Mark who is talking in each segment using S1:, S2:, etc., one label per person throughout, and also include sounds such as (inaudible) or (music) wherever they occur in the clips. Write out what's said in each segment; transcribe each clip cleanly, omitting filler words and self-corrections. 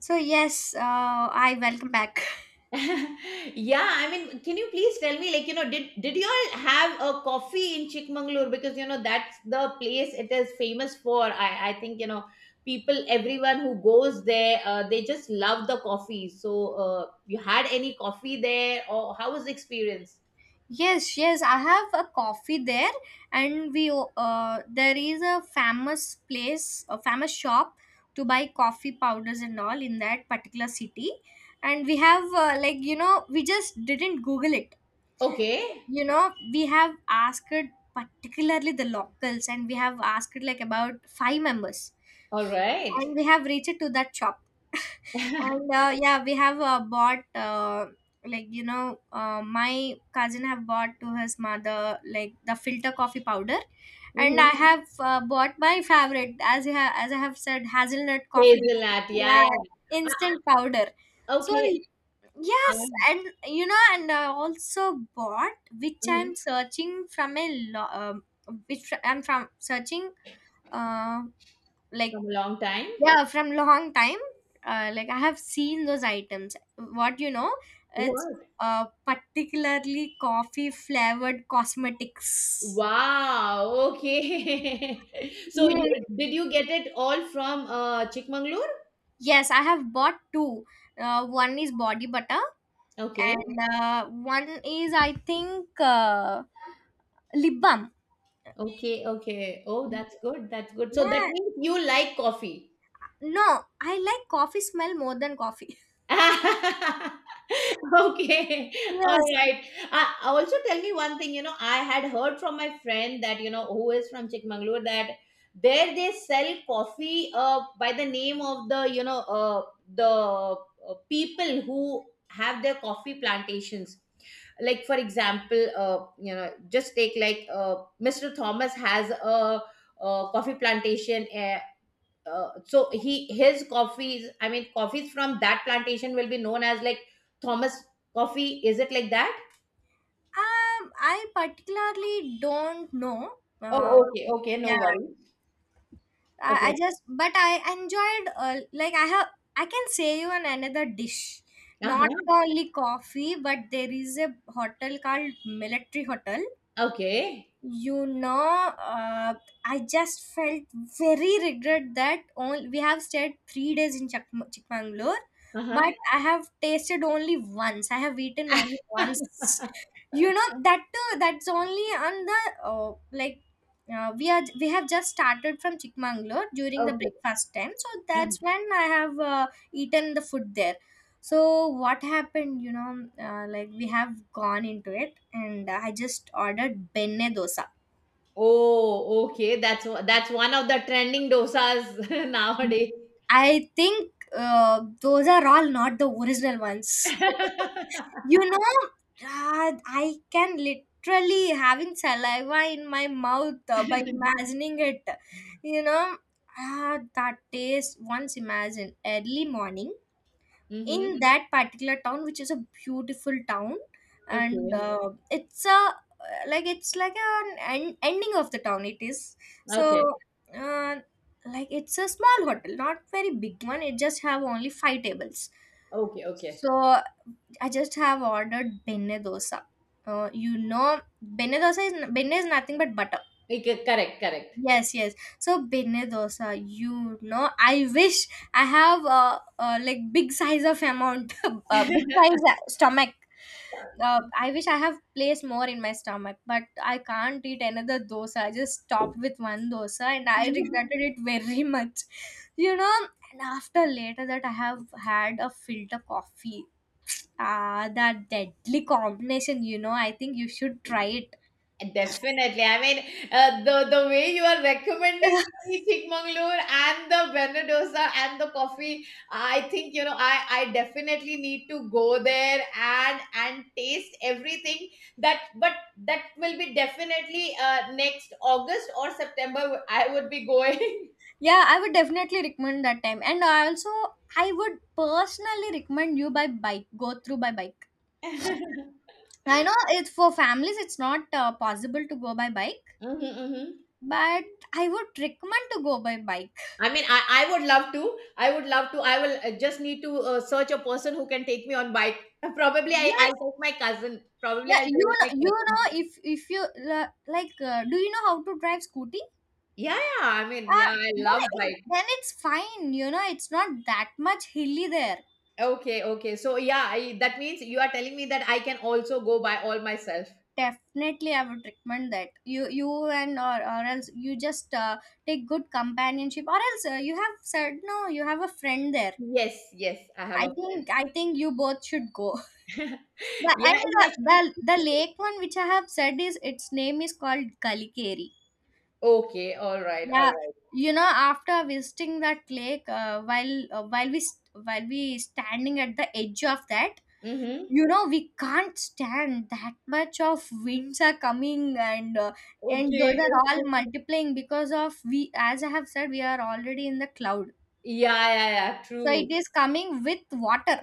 S1: So yes, I welcome back.
S2: (laughs) Yeah, I mean, can you please tell me, like, you know, did you all have a coffee in Chikmagalur? Because you know that's the place it is famous for. I think you know people, everyone who goes there, they just love the coffee. So, you had any coffee there, or how was the experience?
S1: Yes, yes, I have a coffee there, and we there is a famous place, a famous shop to buy coffee powders and all in that particular city, and we have like we just didn't Google it,
S2: Okay,
S1: you know we have asked particularly the locals, and we have asked like about 5 members,
S2: all right.
S1: and we have reached to that shop and yeah we have bought my cousin have bought to his mother like the filter coffee powder and I
S2: Mhm.
S1: have bought my favorite as as I have said hazelnut coffee,
S2: Hazelnut, yeah,
S1: yeah,
S2: yeah.
S1: instant powder. So
S2: Okay, uh,
S1: yes, and and I also bought which I'm
S2: mhm,
S1: searching from a lo- um, which I'm from searching uh, like,
S2: from a long time.
S1: yeah, from long time, like I have seen those items. What, it's
S2: What?
S1: particularly coffee flavored cosmetics.
S2: Wow, okay. (laughs) So you
S1: Yeah.
S2: did you get it all from Chikmagalur?
S1: Yes, I have bought two. One is body butter,
S2: Okay.
S1: and one is I think lip balm.
S2: Okay, okay. Oh, that's good. That's good. So that
S1: Yeah,
S2: means you like coffee.
S1: no, I like coffee smell more than coffee. (laughs)
S2: (laughs) Okay, (laughs) all
S1: Yes.
S2: right. Also, tell me one thing. You know, I had heard from my friend that you know who is from Chikmagalur that there they sell coffee by the name of the you know the people who have their coffee plantations. Like for example, you know, just take like Mr. Thomas has a coffee plantation so he his coffees I mean coffees from that plantation will be known as like Thomas coffee. Is it like that?
S1: I particularly don't know.
S2: Oh, okay, okay, no
S1: Yeah.
S2: worries.
S1: I
S2: Okay.
S1: just but I enjoyed like I have I can say you an another dish. Not
S2: Uh-huh.
S1: only coffee, but there is a hotel called Military Hotel,
S2: Okay.
S1: you know uh, I just felt very regret that only we have stayed 3 days in Chikmangalore,
S2: Uh-huh.
S1: but I have tasted only once, I have eaten only
S2: (laughs)
S1: once. You know, that too, that's only on the like we have just started from Chikmangalore during the
S2: Okay.
S1: breakfast time, so
S2: Uh-huh.
S1: that's when I have eaten the food there. So what happened, like we have gone into it and I just ordered benne dosa.
S2: Oh okay, that's one of the trending dosas (laughs) nowadays.
S1: I think those are all not the original ones. (laughs) You know, I can literally having saliva in my mouth by
S2: (laughs)
S1: imagining it. You know, that taste. Once imagine early morning,
S2: Mm-hmm.
S1: in that particular town which is a beautiful town, and
S2: Okay,
S1: it's a like it's like an ending of the town it is. So
S2: okay,
S1: uh, like it's a small hotel, not very big one, it just have only 5 tables.
S2: okay, okay,
S1: So I just have ordered benne dosa. You know, benne dosa is benne is nothing but butter.
S2: okay, correct,
S1: Yes, yes. So Bene dosa, you know, I wish I have a like big size of amount, (laughs) big
S2: correct.
S1: size stomach. I wish I have placed more in my stomach, but I can't eat another dosa. I just stopped with one dosa and I
S2: (laughs)
S1: regretted it very (laughs) much. You know, and after later that I have had a filter coffee. Ah, that deadly combination, you know, I think you should try it.
S2: Definitely. I mean, the way you are recommending
S1: (laughs)
S2: me Chikmagalur and the Banner and the coffee, I think you know I definitely need to go there and taste everything that. But that will be definitely next August or September. I would be going.
S1: Yeah, I would definitely recommend that time. And also, I would personally recommend you by bike, go through by bike.
S2: (laughs)
S1: I know it's for families, it's not possible to go by bike,
S2: Mhm, mhm.
S1: but I would recommend to go by bike.
S2: I mean, I would love to. I would love to. I will just need to search a person who can take me on bike. (laughs) Probably I'll
S1: Yes,
S2: take my cousin. Probably
S1: yeah,
S2: I'll tell my
S1: you
S2: cousin.
S1: know, if you like, do you know how to drive scooty?
S2: Yeah, yeah. I mean,
S1: Uh,
S2: yeah, I
S1: then
S2: love
S1: it,
S2: bike.
S1: then it's fine. You know, it's not that much hilly there.
S2: Okay, okay. So, yeah, I, that means you are telling me that I can also go by all myself.
S1: Definitely I would recommend that you and or else you just take good companionship, or else you have said no, you have a friend there.
S2: Yes, yes. I have
S1: i
S2: a
S1: think
S2: friend.
S1: i think you both should go. (laughs)
S2: (laughs)
S1: the,
S2: Yeah,
S1: and the,
S2: yeah.
S1: the lake one which I have said is, its name is called Kalikeri.
S2: Okay, all right, all
S1: Yeah,
S2: right.
S1: you know, after visiting that lake while we while we standing at the edge of that,
S2: Mm-hmm.
S1: you know, we can't stand, that much of winds are coming, and those
S2: Okay.
S1: are
S2: (laughs)
S1: all
S2: Okay.
S1: multiplying because of, we, as I have said, we are already in the cloud,
S2: Yeah, yeah, yeah.
S1: so
S2: True.
S1: it is coming with water.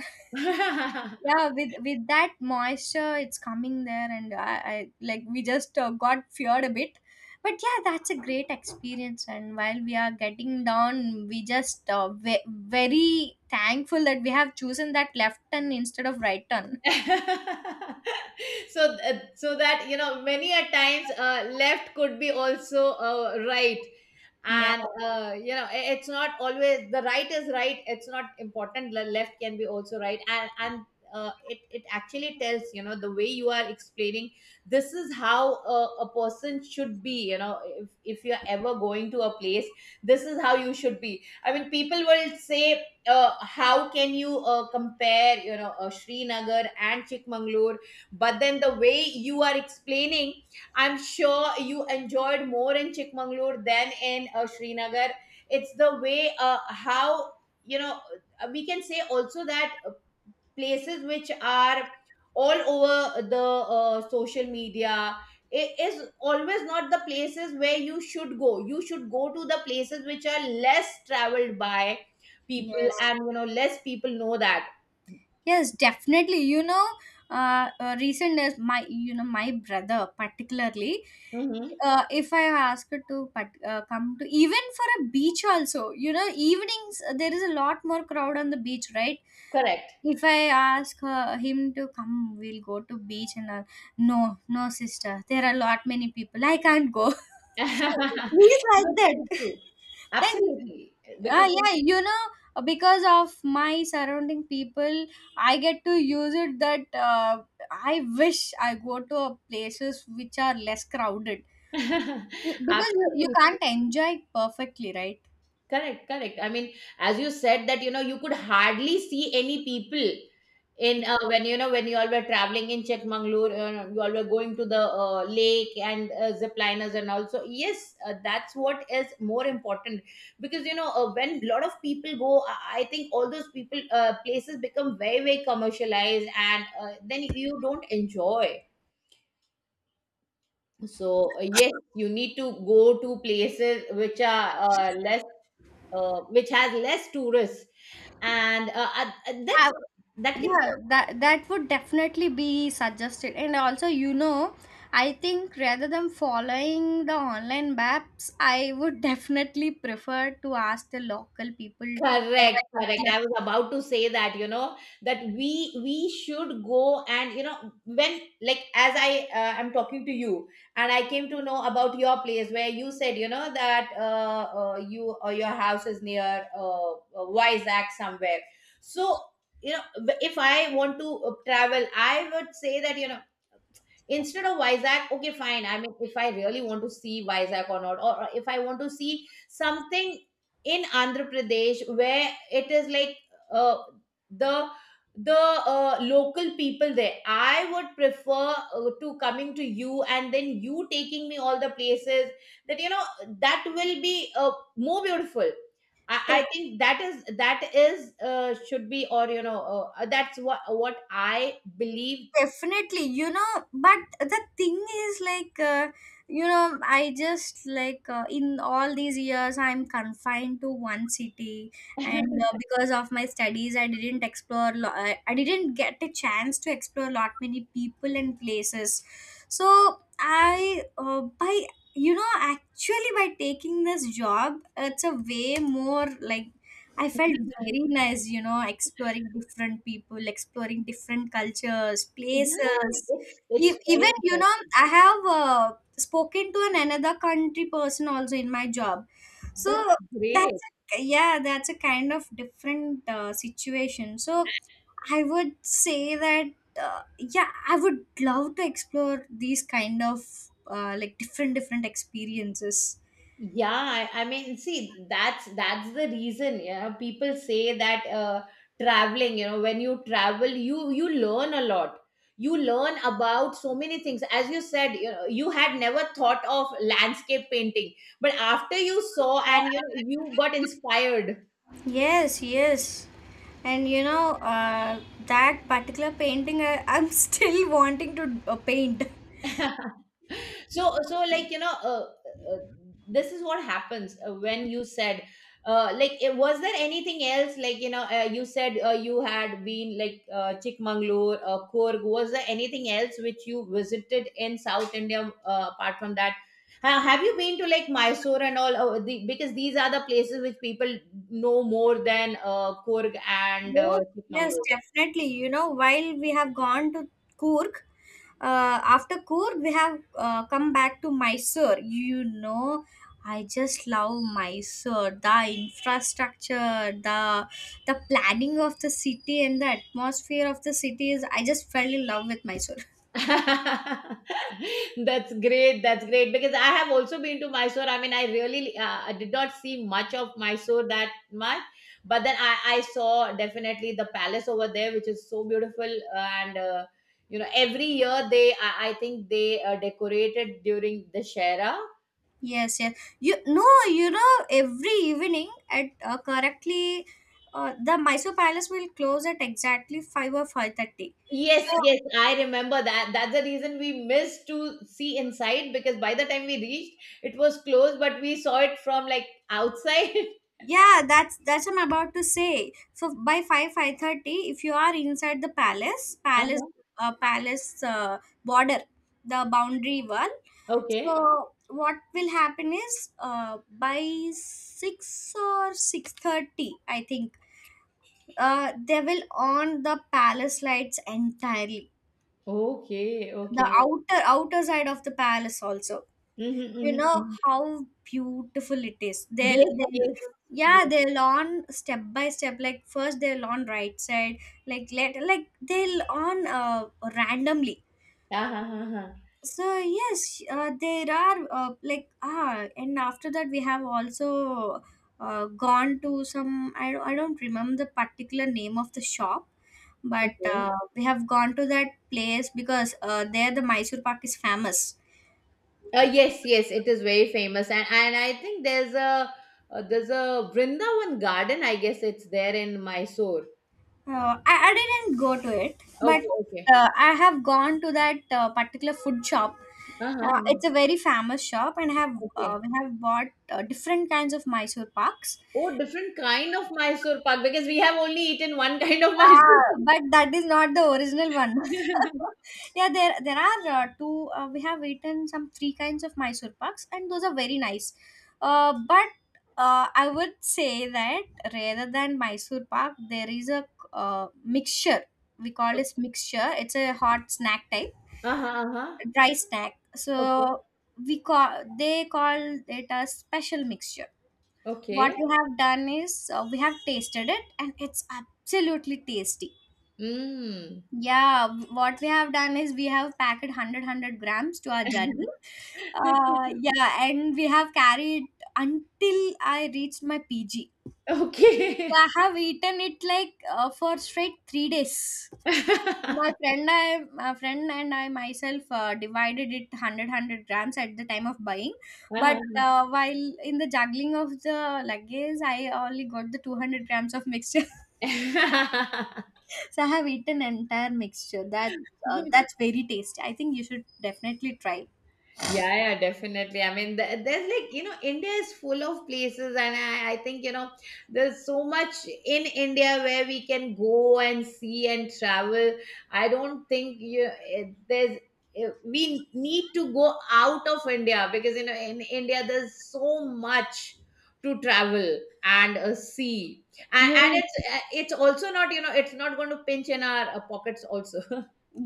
S1: (laughs) Yeah, with that moisture it's coming there, and I like we just got feared a bit. But yeah, that's a great experience, and while we are getting down we just very thankful that we have chosen that left turn instead of right turn.
S2: (laughs) (laughs) So so that you know many a times, left could be also right.
S1: Yeah,
S2: And you know, it's not always the right is right. It's not important, the left can be also right. And it it actually tells you know the way you are explaining, this is how a person should be, you know, if you're ever going to a place. This is how you should be. I mean, people will say how can you compare, you know, Srinagar and Chikmagalur? But then the way you are explaining, I'm sure you enjoyed more in Chikmagalur than in Srinagar. It's the way how, you know, we can say also that places which are all over the social media is always not the places where you should go. You should go to the places which are less traveled by people
S1: yes,
S2: and you know less people know that.
S1: yes, definitely. You know, recent days, my my brother particularly.
S2: Hmm.
S1: If I ask her to but, come to even for a beach also, you know, evenings there is a lot more crowd on the beach, right?
S2: Correct.
S1: If I ask her, him to come, we'll go to beach and all. No, no, sister, there are a lot many people. I can't go. (laughs)
S2: (laughs)
S1: He's like
S2: No, true,
S1: that.
S2: true.
S1: Then
S2: Absolutely.
S1: ah,
S2: Because
S1: yeah, you know, because of my surrounding people, I get to use it that I wish I go to a places which are less crowded. You-
S2: (laughs)
S1: because you
S2: absolutely.
S1: can't enjoy it perfectly, right?
S2: Correct, correct. I mean, as you said that, you know, you could hardly see any people in when you know when you all were traveling in Chikmagalur, you all were going to the lake and zip liners and also yes, that's what is more important because you know when a lot of people go, I think all those people, places become very very commercialized and then you don't enjoy. So yes, you need to go to places which are less which has less tourists. And that's
S1: I,
S2: that can
S1: yeah, that would definitely be suggested, and also you know, I think rather than following the online maps, I would (laughs) definitely prefer to ask the local people for
S2: correct,
S1: a
S2: correct.
S1: particular.
S2: I was about to say that, you know, that we should go and you know when like as I am talking to you and I came to know about your place where you said you know that you or your house is near Vizag somewhere. So you know if I want to travel, I would say that you know instead of Vizag, okay, fine. I mean, if I really want to see Vizag or not, or if I want to see something in Andhra Pradesh where it is like uh, the the local people there, I would prefer to coming to you and then you taking me all the places that you know that will be more beautiful. I think that is should be, or you know that's what I believe.
S1: Definitely, you know, but the thing is like, you know, I just like in all these years, I'm confined to one city, and because of my studies, I didn't explore, I didn't get a chance to explore a lot many people and places. So, by you know, actually by taking this job, it's a way more like I felt very nice, you know, exploring different people, exploring different cultures,
S2: Yeah,
S1: places.
S2: it's very
S1: Even, you know,
S2: important.
S1: I have spoken to an another country person also in my job. So
S2: That's great.
S1: that's, a, yeah, that's a kind of different situation. So I would say that, yeah, I would love to explore these kind of like different, different experiences.
S2: Yeah, I mean, see, that's the reason. Yeah, people say that traveling, you know, when you travel, you learn a lot. You learn about so many things. As you said, you know, you had never thought of landscape painting, but after you saw and you know, you got inspired.
S1: Yes, yes. And you know, that particular painting, I'm (laughs) still wanting to paint.
S2: (laughs) So so like you know uh, this is what happens when you said like it, was there anything else like you know, you said you had been like Chikmagalur, Coorg. Was there anything else which you visited in South India apart from that? Have you been to like Mysore and all? Because these are the places which people know more than Coorg and
S1: Yes,
S2: Chikmagalur.
S1: yes, definitely. You know, while we have gone to Kurg, after Kurg, we have come back to Mysore. You know, I just love Mysore. The infrastructure, the planning of the city, and the atmosphere of the city is. I just fell in love with Mysore.
S2: (laughs) That's great, that's great, because I have also been to Mysore. I mean, I really I did not see much of Mysore that much, but then I saw definitely the palace over there, which is so beautiful. And You know, every year they, I think they decorated during the Shera.
S1: Yes, yes. You no, you know, every evening at correctly, the Mysore Palace will close at exactly 5 or 5:30.
S2: Yes,
S1: So
S2: yes, I remember that. That's the reason we missed to see inside because by the time we reached, it was closed, but we saw it from like outside. (laughs)
S1: yeah, that's I'm about to say. So by 5, 5:30, if you are inside the palace,
S2: Uh-huh.
S1: uh, palace uh, border, the boundary wall.
S2: Okay.
S1: So what will happen is, by 6 or 6:30, I think they will on the palace lights entirely
S2: Okay,
S1: the
S2: okay.
S1: outer side of the palace also.
S2: Mhm,
S1: You
S2: mhm,
S1: know
S2: mhm.
S1: how beautiful it is, they'll,
S2: Yes,
S1: they'll
S2: yes,
S1: yeah
S2: yes.
S1: they'll on step by step, like first they'll on right side, like let like they'll on randomly.
S2: Ah, ha, ha, ha.
S1: So yes, there are like ah, and after that we have also gone to some, I don't remember the particular name of the shop, but
S2: Okay.
S1: we have gone to that place because there the Mysore Pak is famous.
S2: Yes, yes, it is very famous, and I think there's a Vrindavan garden. I guess it's there in Mysore.
S1: I didn't go to it, but
S2: Okay, okay.
S1: I have gone to that particular food shop.
S2: Ah, ha,
S1: It's a
S2: ha.
S1: very famous shop, and have
S2: Okay.
S1: we have bought different kinds of Mysore Paks.
S2: Oh, different kind of Mysore pak, because we have only eaten one (laughs) kind of
S1: Ah,
S2: Mysore.
S1: but that is not the original one. (laughs)
S2: (laughs)
S1: Yeah, there are two. We have eaten some three kinds of Mysore paks, and those are very nice. But I would say that rather than Mysore pak, there is a mixture. We call this mixture. It's a hot snack type,
S2: Ah, ha, ah, ha.
S1: a dry snack.
S2: Okay,
S1: So we call they call it a special mixture. What
S2: okay.
S1: we have done is we have tasted it, and it's absolutely tasty.
S2: Mm.
S1: Yeah, what we have done is we have packed 100 grams to our journey.
S2: (laughs)
S1: Yeah, and we have carried until I reached my PG. So I
S2: Okay.
S1: have eaten it like for straight 3 days. My
S2: (laughs)
S1: friend, my friend and I myself divided it 100 grams at the time of buying. But
S2: Ah,
S1: while in the juggling of the luggage, I only got the 200 grams of mixture. (laughs)
S2: (laughs) yeah,
S1: So I have eaten entire mixture. That that's very tasty. I think you should definitely try.
S2: yeah, definitely. I mean, there's like, you know, India is full of places, and I think, you know, there's so much in India where we can go and see and travel. I don't think there's eh, we need to go out of India because, you know, in India, there's so much to travel and see. And
S1: Really?
S2: it's, eh, it's also not, you know, it's not going to pinch in our pockets also.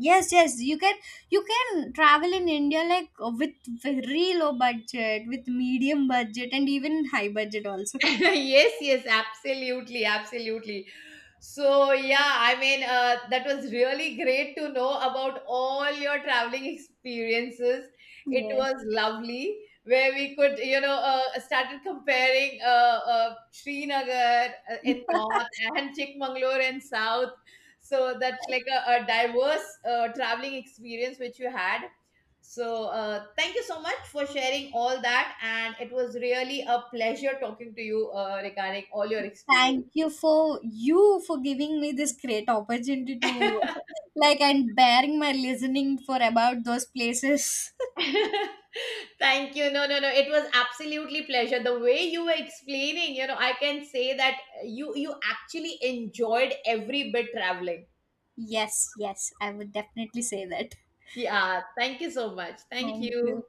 S1: Yes, yes, you can travel in India like with very low budget, with medium budget, and even high budget also.
S2: (laughs) Yes, yes, absolutely, absolutely. So yeah, I mean, that was really great to know about all your traveling experiences. It was
S1: Yes.
S2: lovely where we could you know started comparing Srinagar in north and Chikmagalur in south. So that's like a diverse traveling experience which you had. So, thank you so much for sharing all that. And it was really a pleasure talking to you regarding all your experience.
S1: Thank you for you for giving me this great opportunity to (laughs) like and bearing my listening for about those places.
S2: (laughs) Thank you. No, no, no. It was absolutely pleasure. The way you were explaining, you know, I can say that you actually enjoyed every bit traveling.
S1: (laughs) Yes, yes, I would definitely say that.
S2: Yeah. Thank you so much. Thank
S1: Thank you.
S2: you.